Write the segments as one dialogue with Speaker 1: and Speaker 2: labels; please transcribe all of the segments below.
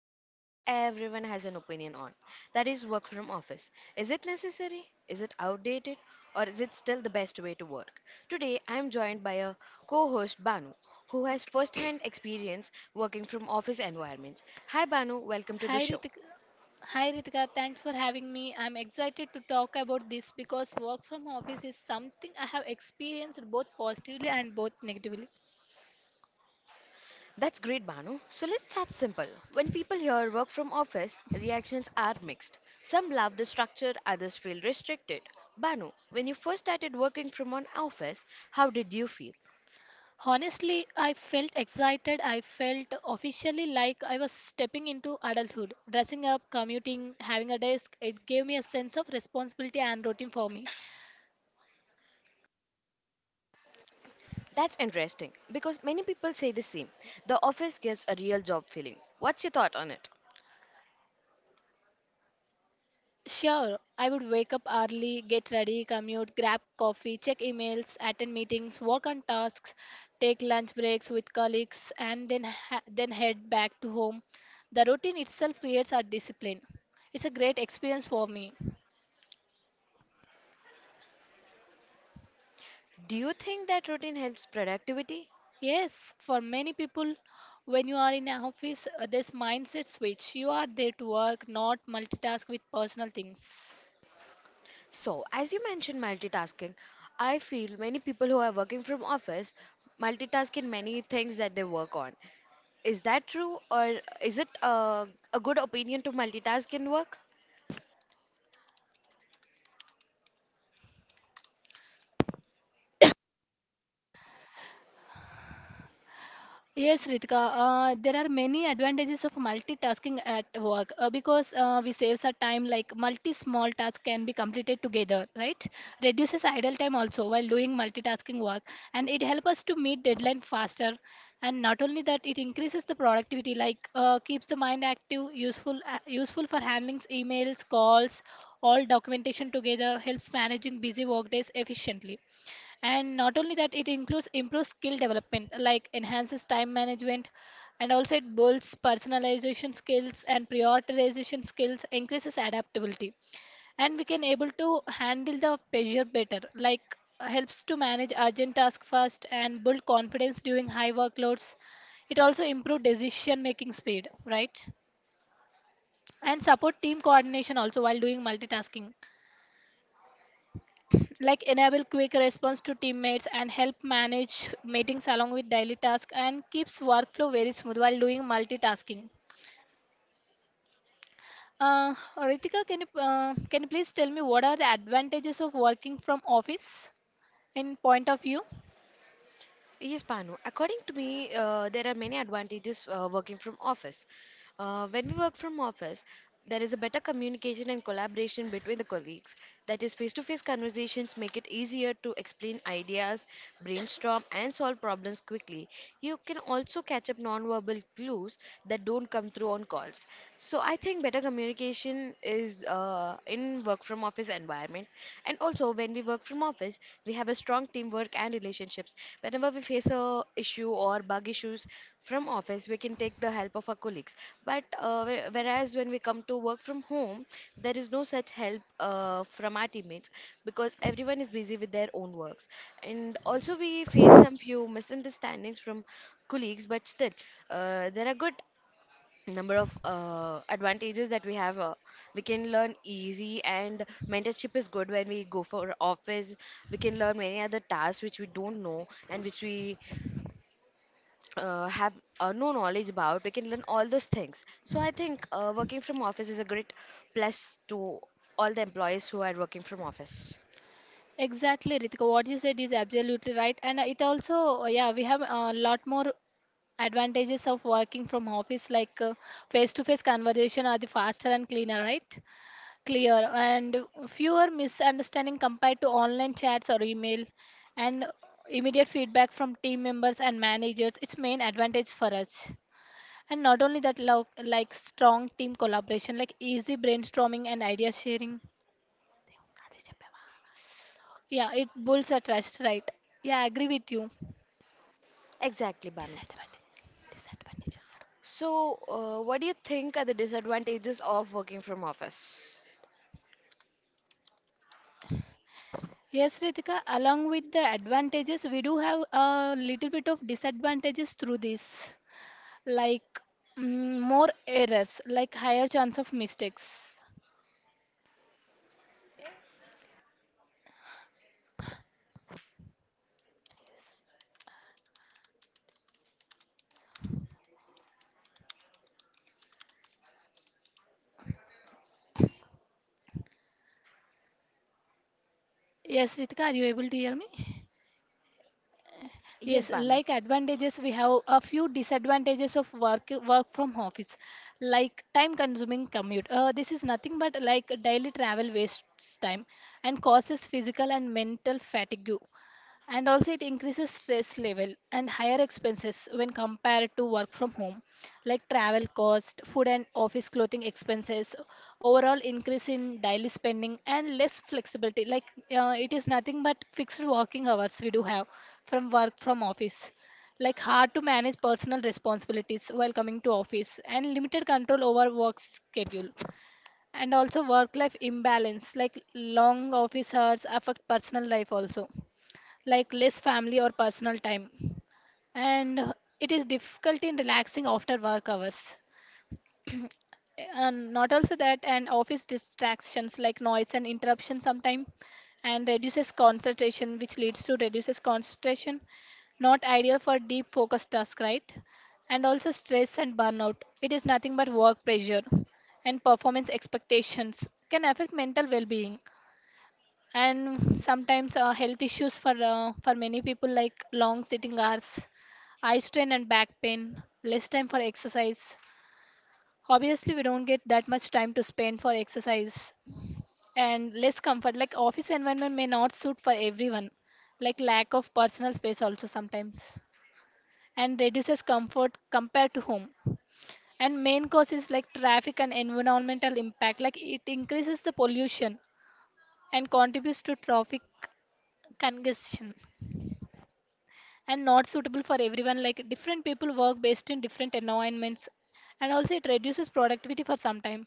Speaker 1: that almost everyone has an opinion on. That is work from office. Is it necessary? Is it outdated? Or is it still the best way to work? Today, I'm joined by a co host, Banu, who has first hand experience working from office environments. Hi, Banu. Welcome to the
Speaker 2: Hi
Speaker 1: show.
Speaker 2: Ritika. Hi Ritika, thanks for having me. I'm excited to talk about this because work from office is something I have experienced both positively and both negatively.
Speaker 1: That's great, Banu. So let's start simple. When people hear work from office, reactions are mixed. Some love the structure, others feel restricted. Banu, when you first started working from an office, how did you feel?
Speaker 2: Honestly, I felt excited. I felt officially like I was stepping into adulthood. Dressing up, commuting, having a desk, it gave me a sense of responsibility and routine for me.
Speaker 1: That's interesting because many people say the same. The office gives a real job feeling. What's your thought on it?
Speaker 2: Sure, I would wake up early, get ready, commute, grab coffee, check emails, attend meetings, work on tasks, take lunch breaks with colleagues, and then head back to home. The routine itself creates our discipline. It's a great experience for me.
Speaker 1: Do you think that routine helps productivity?
Speaker 2: Yes, for many people, when you are in an office, there's mindset switch. You are there to work, not multitask with personal things.
Speaker 1: So, as you mentioned multitasking, I feel many people who are working from office multitask in many things that they work on. Is that true, or is it a good opinion to multitask in work?
Speaker 2: Yes, Ritika, there are many advantages of multitasking at work because we saves our time like multi small tasks can be completed together, right? Reduces idle time also while doing multitasking work, and it helps us to meet deadline faster, and not only that, it increases the productivity, like keeps the mind active, useful for handling emails, calls, all documentation together, helps managing busy work days efficiently. And not only that, it includes improves skill development, like enhances time management, and also it builds personalization skills and prioritization skills, increases adaptability, and we can able to handle the pressure better, like helps to manage urgent tasks fast and build confidence during high workloads. It also improves decision making speed, right? And support team coordination also while doing multitasking, like enable quick response to teammates and help manage meetings along with daily tasks, and keeps workflow very smooth while doing multitasking. Ritika, can you please tell me what are the advantages of working from office in point of view?
Speaker 1: Yes, Panu. According to me, there are many advantages working from office. When we work from office, there is a better communication and collaboration between the colleagues. That is, face-to-face conversations make it easier to explain ideas, brainstorm, and solve problems quickly. You can also catch up non-verbal clues that don't come through on calls. So I think better communication is in work from office environment. And also, when we work from office, we have a strong teamwork and relationships. Whenever we face a issue or bug issues from office, we can take the help of our colleagues. But whereas when we come to work from home, there is no such help from our teammates because everyone is busy with their own works. And also, we face some few misunderstandings from colleagues, but still, there are good number of advantages that we have we can learn easy and mentorship is good when we go for office. We can learn many other tasks which we don't know and which we have no knowledge about. We can learn all those things, so I think working from office is a great plus to all the employees who are working from office.
Speaker 2: Exactly, Ritika. What you said is absolutely right, and it also yeah, we have a lot more advantages of working from office, like face to face conversation are the faster and cleaner, right? Clear and fewer misunderstanding compared to online chats or email, and immediate feedback from team members and managers, it's main advantage for us. And not only that, like strong team collaboration, like easy brainstorming and idea sharing. Yeah, it builds a trust, right? Yeah, I agree with you.
Speaker 1: Exactly, Banu.
Speaker 2: Disadvantages. Disadvantages.
Speaker 1: So what do you think are the disadvantages of working from office?
Speaker 2: Yes, Ritika, along with the advantages, we do have a little bit of disadvantages through this. Like, more errors, like higher chance of mistakes. Yes, Ritika, are you able to hear me?
Speaker 1: Yes,
Speaker 2: Yes,
Speaker 1: Banu.
Speaker 2: like advantages, we have a few disadvantages of work from office, like time-consuming commute. This is nothing but like daily travel wastes time and causes physical and mental fatigue, and also it increases stress level and higher expenses when compared to work from home, like travel cost, food, and office clothing expenses, overall increase in daily spending, and less flexibility, like it is nothing but fixed working hours we do have from work from office, like hard to manage personal responsibilities while coming to office and limited control over work schedule. And also work life imbalance, like long office hours affect personal life also, like less family or personal time. And it is difficult in relaxing after work hours. And not also that, and office distractions like noise and interruption sometimes, and reduces concentration, which leads to reduces concentration. Not ideal for deep focused task, right? And also stress and burnout. It is nothing but work pressure and performance expectations can affect mental well-being, and sometimes health issues for many people, like long sitting hours, eye strain, and back pain, less time for exercise. Obviously we don't get that much time to spend for exercise. And less comfort, like office environment may not suit for everyone, like lack of personal space also sometimes, and reduces comfort compared to home. And main cause is like traffic and environmental impact, like it increases the pollution and contributes to traffic congestion. And not suitable for everyone, like different people work based in different environments, and also it reduces productivity for some time.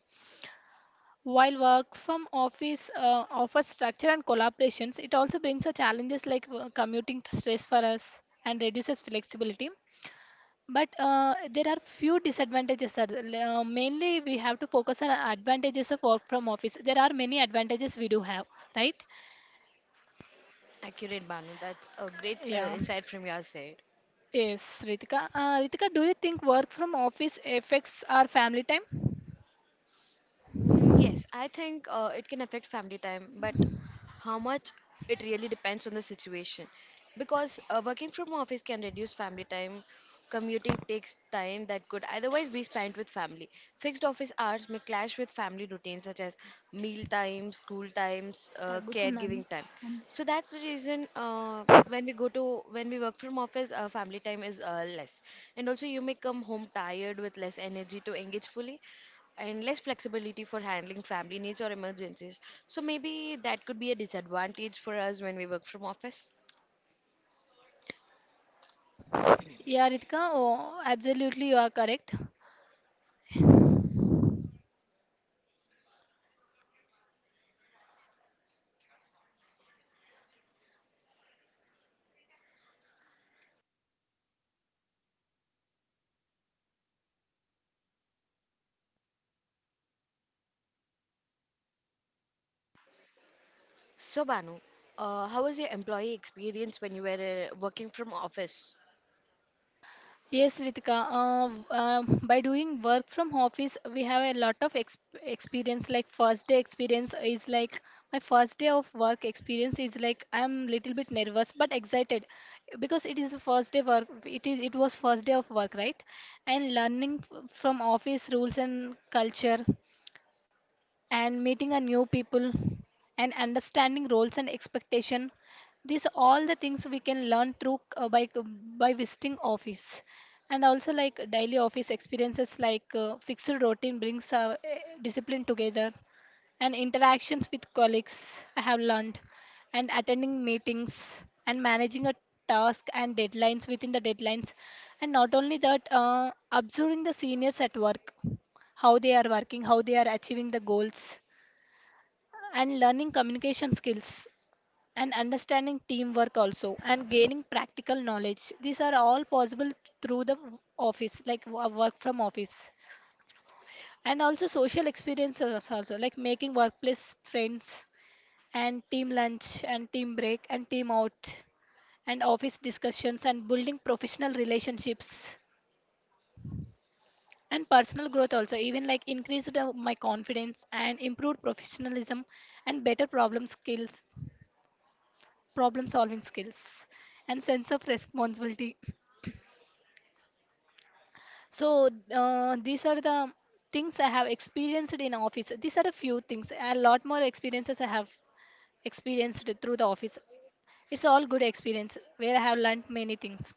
Speaker 2: While work from office offers structure and collaborations, it also brings a challenges, like commuting stress for us and reduces flexibility. But there are few disadvantages, sir. Mainly we have to focus on advantages of work from office. There are many advantages we do have, right?
Speaker 1: Accurate, Banu. That's a great
Speaker 2: Yeah.
Speaker 1: insight from your side.
Speaker 2: Yes, Ritika. Ritika, do you think work from office affects our family time?
Speaker 1: Mm, yes, I think it can affect family time, but how much it really depends on the situation. Because working from office can reduce family time. Commuting takes time that could otherwise be spent with family. Fixed office hours may clash with family routines such as meal times, school times,
Speaker 2: తగ్గుతుందని
Speaker 1: caregiving time. So
Speaker 2: అనిపిస్తుంది.
Speaker 1: that's the reason when we go to when we work from office, family time is less, and also you may come home tired with less energy to engage fully and less flexibility for handling family needs or emergencies. So maybe that could be a disadvantage for us when we work from office.
Speaker 2: Yeah, Ritika, oh, absolutely, you are correct.
Speaker 1: So Banu, how was your employee experience when you were working from office?
Speaker 2: Yes, Ritika, by doing work from office, we have a lot of ex experience. Like, first day experience is like my first day of work experience is like I'm little bit nervous but excited because it is the first day work. It was first day of work, right? And learning from office rules and culture, and meeting a new people, and understanding roles and expectation. These all the things we can learn through by visiting office. And also, like daily office experiences, like fixed routine brings discipline together, and interactions with colleagues I have learned, and attending meetings and managing a task and deadlines within the deadlines. And not only that, observing the seniors at work, how they are working, how they are achieving the goals, and learning communication skills, and understanding teamwork also, and gaining practical knowledge. These are all possible through the office, like work from office. And also social experiences also, like making workplace friends, and team lunch, and team break, and team out, and office discussions, and building professional relationships. And personal growth also, even like increased my confidence and improved professionalism, and better problem skills problem solving skills, and sense of responsibility. So these are the things I have experienced in office. These are a few things. A lot more experiences I have experienced through the office. It's all good experience where I have learned many things.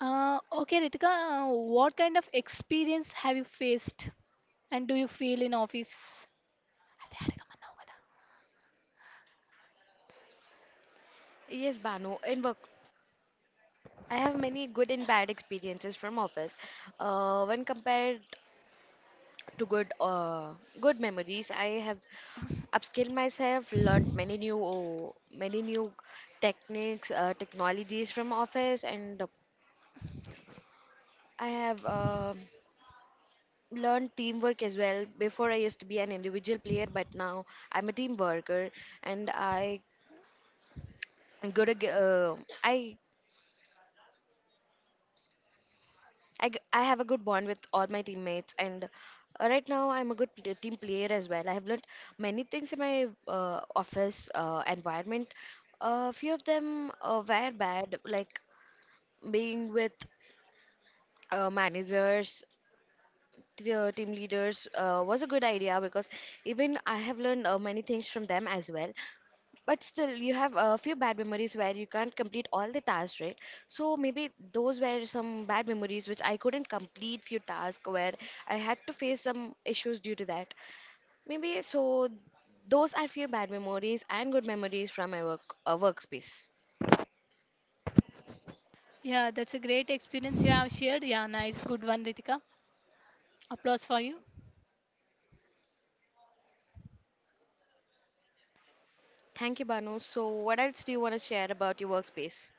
Speaker 2: Okay, Ritika, what kind of experience have you faced and do you feel in office?
Speaker 1: Yes, Banu, in work, I have many good and bad experiences from office. When compared to good, good memories, I have upskilled myself, learned many many new techniques, technologies from office, and I have learned teamwork as well. Before I used to be an individual player, but now I'm a team worker, and I good ag- I, I g- I have a good bond with all my teammates, and right now I'm a good team player as well. I have learned many things in my office environment. A few of them were bad, like being with managers. Team leaders was a good idea because even I have learned many things from them as well. But still, you have a few bad memories where you can't complete all the tasks, right? So maybe those were some bad memories which I couldn't complete few tasks where I had to face some issues due to that. Maybe so those are few bad memories and good memories from my work workspace.
Speaker 2: Yeah, that's a great experience you have shared. Yeah, nice, good one, Ritika. Applause for you.
Speaker 1: Thank you, Banu. So what else do you want to share about your workspace?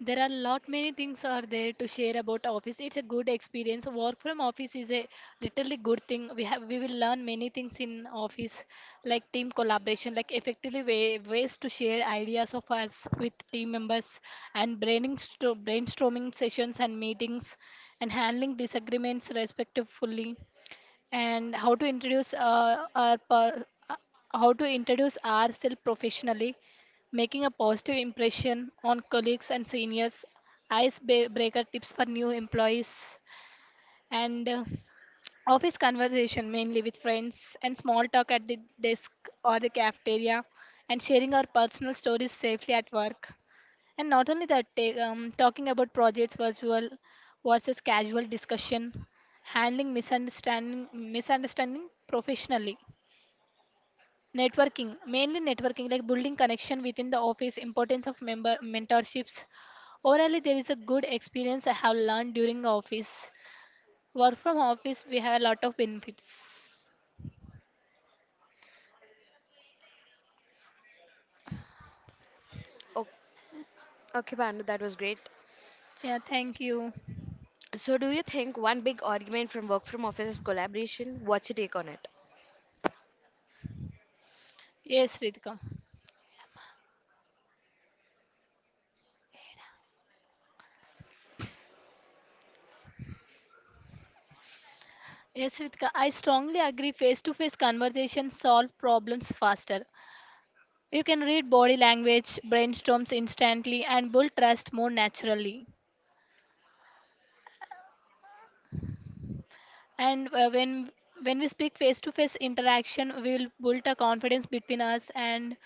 Speaker 2: There are lot many things are there to share about office. It's a good experience. Work from office is a literally good thing. We will learn many things in office, like team collaboration, like effectively way, ways to share ideas of us with team members, and brainstorming sessions and meetings, and handling disagreements respectfully, and how to introduce how to introduce ourselves professionally, making a positive impression on colleagues and seniors, icebreaker tips for new employees, and office conversation mainly with friends and small talk at the desk or the cafeteria, and sharing our personal stories safely at work. And not only that, talking about projects, virtual versus casual discussion, handling misunderstanding professionally, mainly networking, like building connection within the office, importance of member mentorships. Overall, there is a good experience I have learned during office. Work from office, we have a lot of benefits.
Speaker 1: Oh, okay, Banu, that was great.
Speaker 2: Yeah, thank you.
Speaker 1: So do you think one big argument from work from office is collaboration? What's your take on it?
Speaker 2: Yes, Ritika. Yes, Ritika, I strongly agree face to face conversations solve problems faster. You can read body language, brainstorms instantly, and build trust more naturally. And when we speak face to face interaction, we will build a confidence between us, and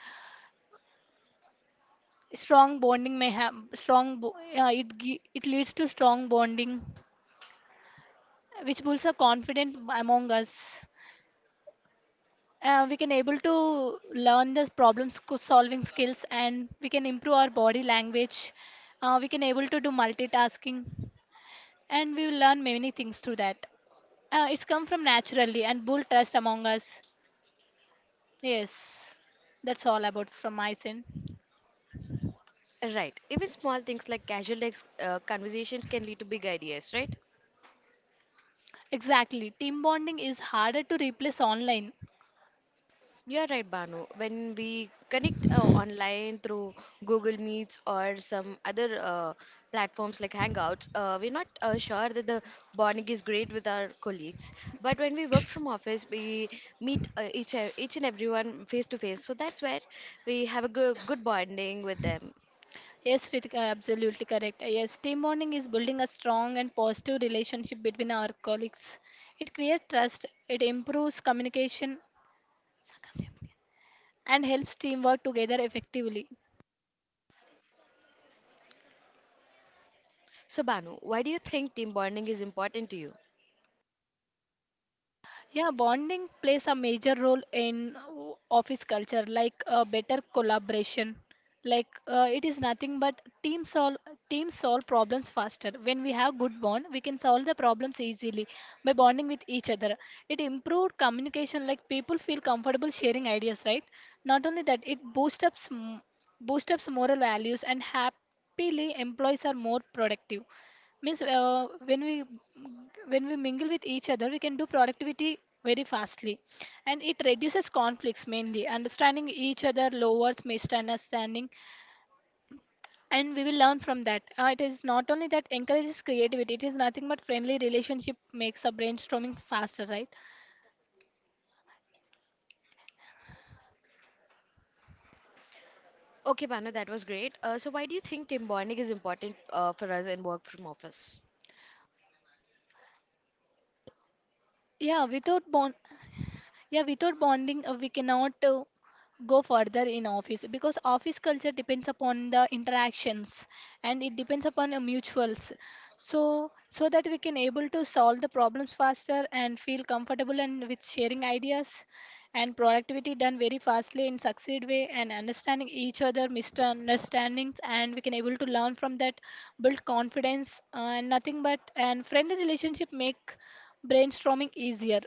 Speaker 2: strong bonding may have strong. Bo- it it leads to strong bonding, which builds a confidence among us. We can able to learn the solving skills, and we can improve our body language. We can able to do multitasking, and we will learn many things through that. It's come from naturally and bull trust among us. Yes, that's all about from my sin.
Speaker 1: Right. Even small things like casual conversations can lead to big ideas, right?
Speaker 2: Exactly. Team bonding is harder to replace online.
Speaker 1: You're right, Banu. When we connect online through Google Meets or some other platforms like Hangouts, we're not sure that the bonding is great with our colleagues. But when we work from office, we meet each and everyone face to face. So that's where we have a good bonding with them.
Speaker 2: Yes, Ritika, absolutely correct. Yes, team bonding is building a strong and positive relationship between our colleagues. It creates trust, it improves communication, and helps team work together effectively.
Speaker 1: So Banu, why do you think team bonding is important to you?
Speaker 2: Yeah, bonding plays a major role in office culture, like better collaboration. Like it is nothing but teams solve problems faster. When we have good bond, we can solve the problems easily by bonding with each other. It improved communication, like people feel comfortable sharing ideas, right? Not only that, it boosts up boosts up moral values and happily employees are more productive means when we mingle with each other we can do productivity very fastly. And it reduces conflicts, mainly understanding each other lowers misunderstanding and we will learn from that. It is not only that encourages creativity, it is nothing but friendly relationship makes a brainstorming faster, right?
Speaker 1: Okay, Banu, that was great. So why do you think team bonding is important for us in work from office?
Speaker 2: yeah without bond yeah, without bonding we cannot go further in office because office culture depends upon the interactions and it depends upon mutuals. so so that we can able to solve the problems faster and feel comfortable and with sharing ideas, and productivity done very fastly in succeed way, and understanding each other misunderstandings, and we can able to learn from that, build confidence, and nothing but and friendly relationship make brainstorming easier.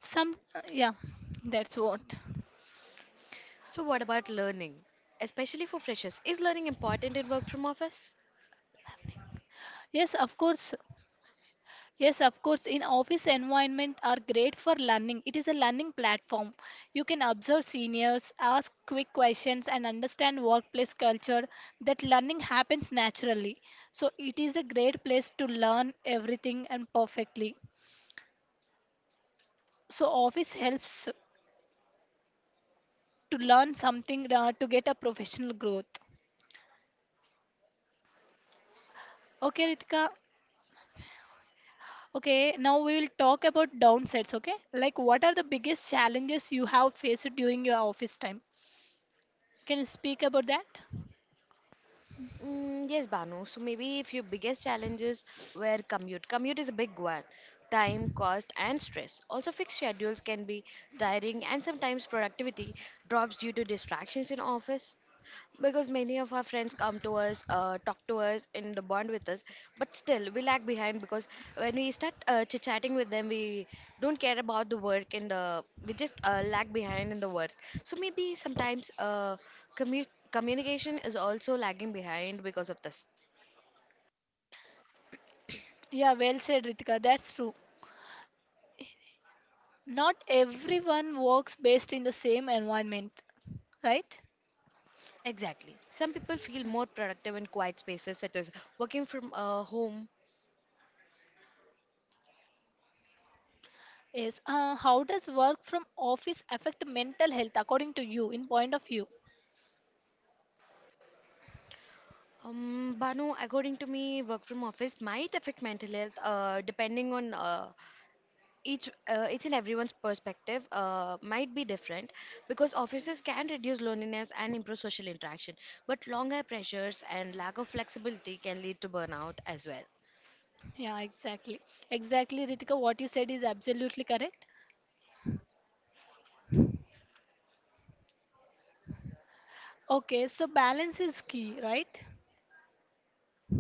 Speaker 2: Some, yeah, that's what.
Speaker 1: So, what about learning, especially for freshers? Is learning important in work from office?
Speaker 2: Yes, of course. Yes, of course. In office environment are great for learning. It is a learning platform. You can observe seniors, ask quick questions, and understand workplace culture. That learning happens naturally. So it is a great place to learn everything and perfectly. So office helps to learn something, to get a professional growth. Okay, Ritika. Okay, now we will talk about downsides, okay? Like, what are the biggest challenges you have faced during your office time? Can you speak about that?
Speaker 1: Mm, yes, Banu. So, maybe if your biggest challenges were commute is a big one. Time, cost, and stress. Also, fixed schedules can be tiring, and sometimes productivity drops due to distractions in office. Because many of our friends come to us, talk to us, and bond with us, but still we lag behind because when we start chit chatting with them, we don't care about the work, and we just lag behind in the work. So maybe sometimes communication is also lagging behind because of this.
Speaker 2: Yeah, well said, Ritika. That's true. Not everyone works based in the same environment, right?
Speaker 1: Exactly. Some people feel more productive in quiet spaces, such as working from home.
Speaker 2: Yes. How does work from office affect mental health according to you, in point of view?
Speaker 1: Banu, according to me, work from office might affect mental health, depending on each and everyone's perspective might be different, because offices can reduce loneliness and improve social interaction, but longer pressures and lack of flexibility can lead to burnout as well.
Speaker 2: Yeah, exactly. Exactly, Ritika. What you said is absolutely correct. Okay, so balance is key, right?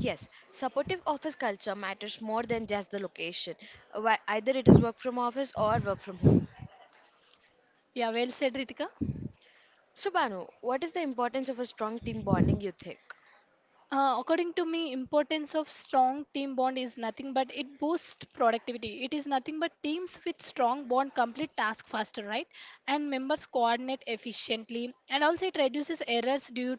Speaker 1: Yes, supportive office culture matters more than just the location, either it is work from office or work from home.
Speaker 2: Yeah, well said, Ritika.
Speaker 1: So Banu, what is the importance of a strong team bonding, you think?
Speaker 2: According to me, importance of strong team bond is nothing but it boosts productivity. It is nothing but teams with strong bond complete task faster, right? And members coordinate efficiently, and also it reduces errors due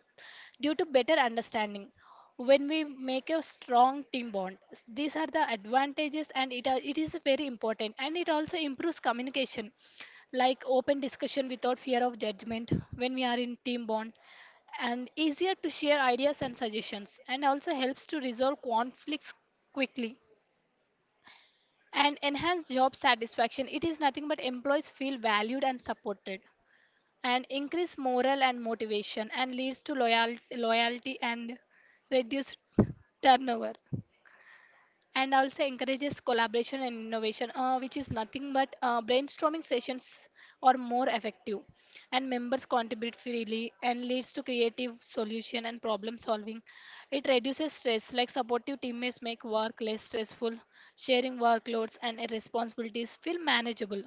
Speaker 2: due to better understanding. When we make a strong team bond, these are the advantages, and it are, it is very important, and it also improves communication, like open discussion without fear of judgment when we are in team bond, and easier to share ideas and suggestions, and also helps to resolve conflicts quickly, and enhance job satisfaction. It is nothing but employees feel valued and supported, and increase morale and motivation, and leads to loyal, loyalty and reduce turnover, and also encourages collaboration and innovation, which is nothing but brainstorming sessions are more effective, and members contribute freely and leads to creative solution and problem solving. It reduces stress, like supportive teammates make work less stressful, sharing workloads and responsibilities feel manageable.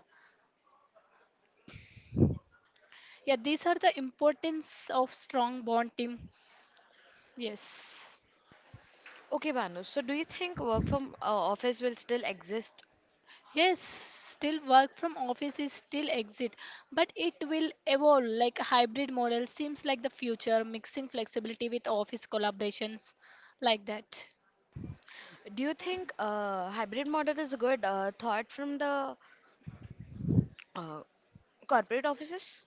Speaker 2: Yeah, these are the importance of strong bond team. Yes.
Speaker 1: Okay, Banu, so do you think work from office will still exist?
Speaker 2: Yes, still work from office is still exit, but it will evolve, like hybrid model seems like the future, mixing flexibility with office collaborations, like that.
Speaker 1: Do you think hybrid model is a good thought from the Uh, corporate offices?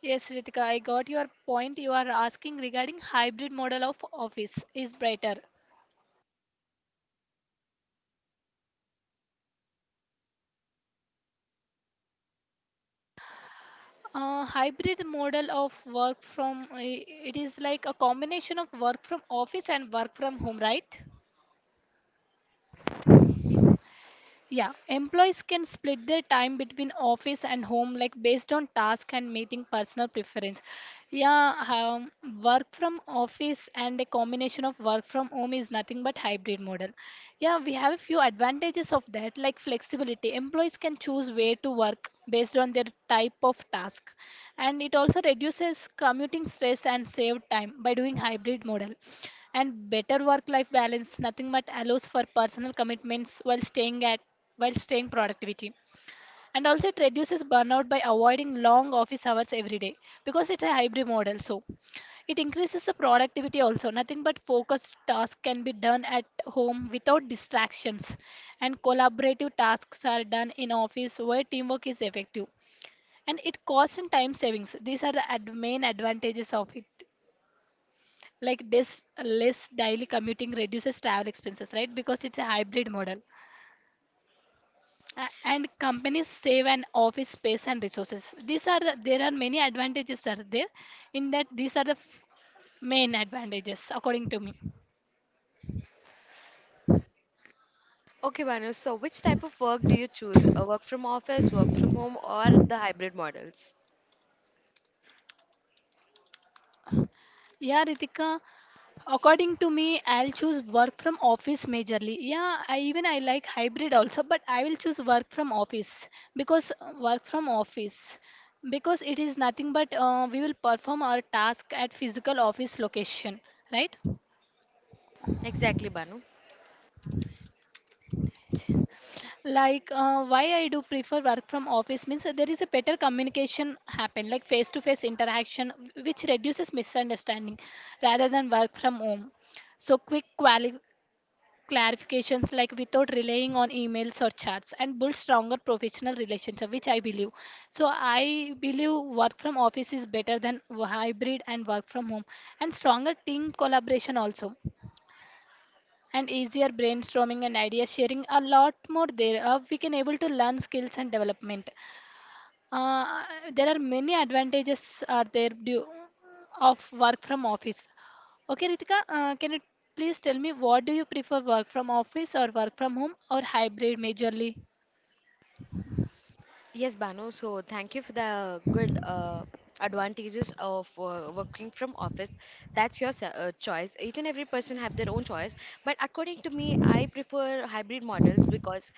Speaker 2: Yes, Ritika, I got your point. You are asking regarding hybrid model of office is brighter. Hybrid model of work from it is like a combination of work from office and work from home, right? Yeah, employees can split their time between office and home, like based on task and meeting personal preference. Yeah, work from office and a combination of work from home is nothing but hybrid model. Yeah, we have a few advantages of that, like flexibility. Employees can choose where to work based on their type of task, and it also reduces commuting stress and save time by doing hybrid model, and better work life balance, nothing but allows for personal commitments while staying at while staying productivity, and also it reduces burnout by avoiding long office hours every day because it's a hybrid model. So it increases the productivity also, nothing but focused tasks can be done at home without distractions, and collaborative tasks are done in office where teamwork is effective, and it costs and time savings, these are the main advantages of it, like this less daily commuting reduces travel expenses, right? Because it's a hybrid model. And companies save an office space and resources. These are the, there are many advantages are there in that. These are the main advantages according to me.
Speaker 1: Okay, Banu, so which type of work do you choose? A work from office, work from home, or the hybrid models?
Speaker 2: Yeah, Ritika. According to me, I'll choose work from office majorly. Yeah, I even I like hybrid also, but I will choose work from office because work from office because it is nothing but we will perform our task at physical office location, right?
Speaker 1: Exactly, Banu.
Speaker 2: Like, why I do prefer work from office means that there is a better communication happen, like face to face interaction, which reduces misunderstanding rather than work from home. So quick quali clarifications like without relying on emails or chats and build stronger professional relationship which I believe work from office is better than hybrid and work from home, and stronger team collaboration also, and easier brainstorming and idea sharing a lot more there. We can able to learn skills and development. uh, there are many advantages are there due of work from office. Okay, Ritika, can you please tell me what do you prefer, work from office or work from home or hybrid majorly?
Speaker 1: Yes, Banu, so thank you for the good advantages of working from office. That's your choice. Each and every person have their own choice, but according to me, I prefer hybrid models because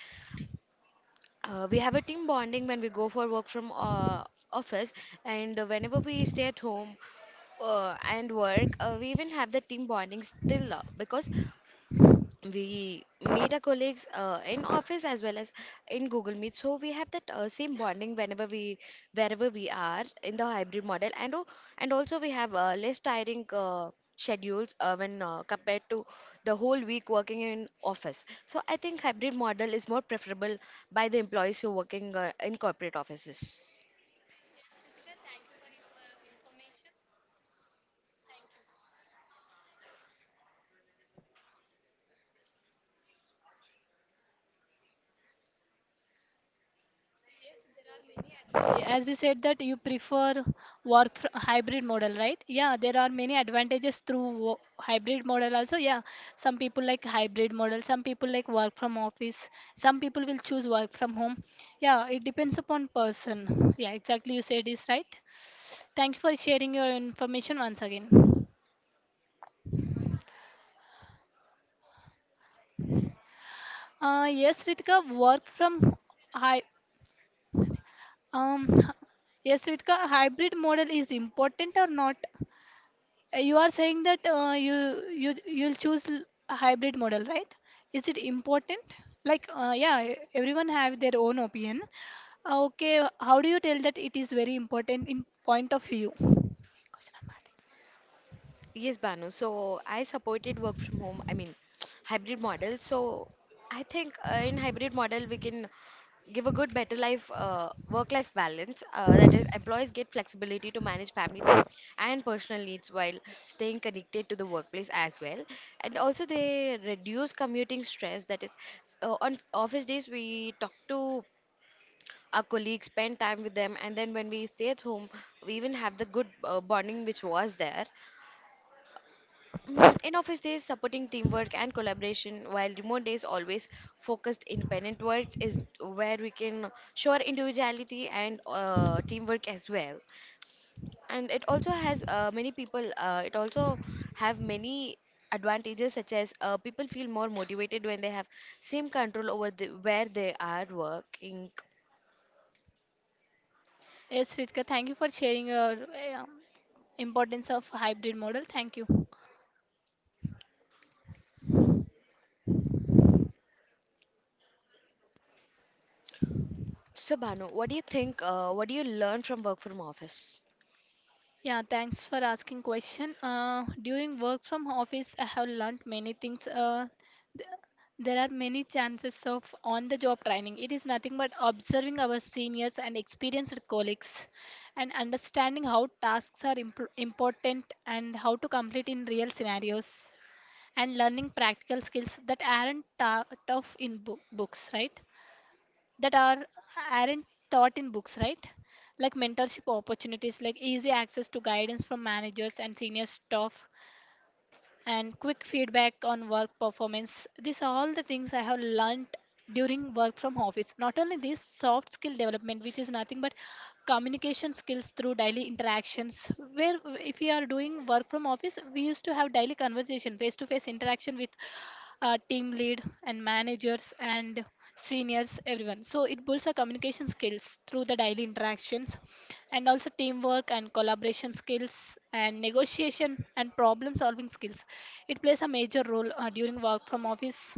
Speaker 1: We have a team bonding when we go for work from office, and whenever we stay at home and work, we even have the team bonding still because we meet our colleagues in office as well as in Google Meet. So we have that same bonding whenever we wherever we are in the hybrid model, and also we have less tiring schedules when compared to the whole week working in office. So I think hybrid model is more preferable by the employees who working in corporate offices.
Speaker 2: As you said that you prefer work fr hybrid model, right? Yeah, there are many advantages through hybrid model also. Yeah, some people like hybrid model, some people like work from office, some people will choose work from home. Yeah, it depends upon person. Yeah, exactly you said is right. Thank you for sharing your information once again. Yes, Ritika, work from hi. Um, yes, Ritika, hybrid model is important or not? You are saying that you you'll choose a hybrid model, right? Is it important? Like, yeah, everyone have their own opinion. Okay, how do you tell that it is very important in point of view? Question number
Speaker 1: Yes, Banu, so I supported work from home, I mean hybrid model. So I think in hybrid model we can give a good better life, work life balance, that is employees get flexibility to manage family time and personal needs while staying connected to the workplace as well. And also they reduce commuting stress, that is on office days we talk to our colleagues, spend time with them, and then when we stay at home we even have the good bonding which was there. Mm, in office days, supporting teamwork and collaboration, while remote days always focused independent work is where we can show our individuality and teamwork as well. And it also has many people. It also have many advantages such as people feel more motivated when they have same control over the, where they are working.
Speaker 2: three. Yes, Ritika, thank you for sharing your um, importance of hybrid model. Thank you.
Speaker 1: So Banu, what do you think? What do you learn from work from office?
Speaker 2: Yeah, thanks for asking question. During work from office, I have learned many things. Th- there are many chances of on-the-job training. It is nothing but observing our seniors and experienced colleagues and understanding how tasks are important and how to complete in real scenarios, and learning practical skills that aren't ta tough in book books, right? that are aren't taught in books, right? Like mentorship opportunities, like easy access to guidance from managers and senior staff, and quick feedback on work performance. These are all the things I have learnt during work from office. Not only this, soft skill development, which is nothing but communication skills through daily interactions. Where if we are doing work from office, we used to have daily conversation, face to face interaction with team lead and managers and seniors, everyone, so it builds our communication skills through the daily interactions, and also teamwork and collaboration skills, and negotiation and problem solving skills. It plays a major role during work from office,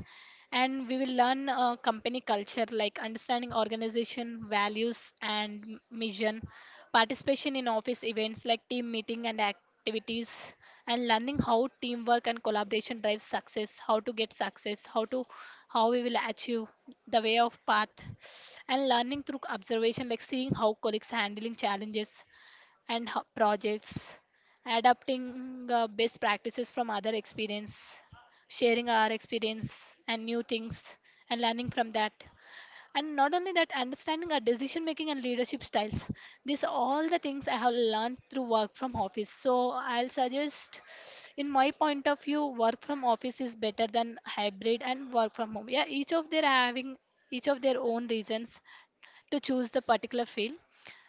Speaker 2: and we will learn company culture, like understanding organization values and mission, participation in office events like team meeting and activities, and learning how teamwork and collaboration drives success, how to get success, how to how we will achieve the way of path. And learning through observation, like seeing how colleagues handling challenges and how projects adapting best practices from other experience, sharing our experience and new things and learning from that, and not only that, understanding our decision making and leadership styles. These are all the things I have learned through work from office. So I'll suggest, in my point of view, work from office is better than hybrid and work from home. Yeah, each of their own reasons to choose the particular field,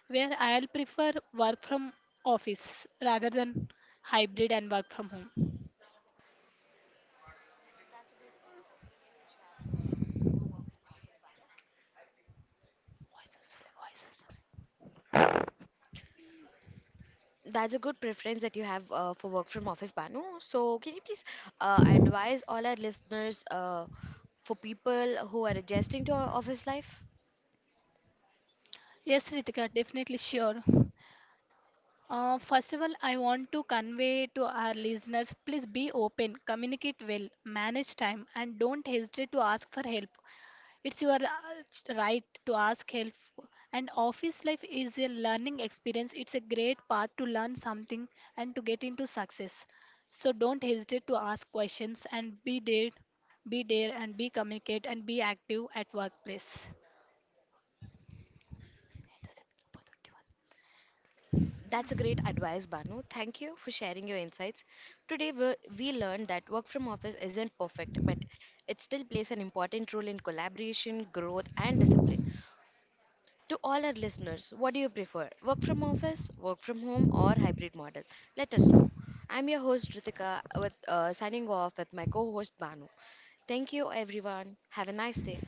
Speaker 2: where I'll prefer work from office rather than hybrid and work from home.
Speaker 1: That's a good preference that you have for work from office, Banu. So, can you please advise all our listeners for people who are adjusting to our office life?
Speaker 2: Yes, Ritika, definitely sure. First of all, I want to convey to our listeners, please be open, communicate well, manage time, and don't hesitate to ask for help. It's your right to ask help. And office life is a learning experience. It's a great path to learn something and to get into success. So don't hesitate to ask questions and be there and be communicate and be active at workplace.
Speaker 1: That's a great advice, Banu. Thank you for sharing your insights. Today, we learned that work from office isn't perfect, but it still plays an important role in collaboration, growth, and discipline. To all our listeners, what do you prefer? Work from office, work from home, or hybrid model? Let us know. I'm your host Ritika with signing off with my co-host Banu. Thank you everyone. Have a nice day.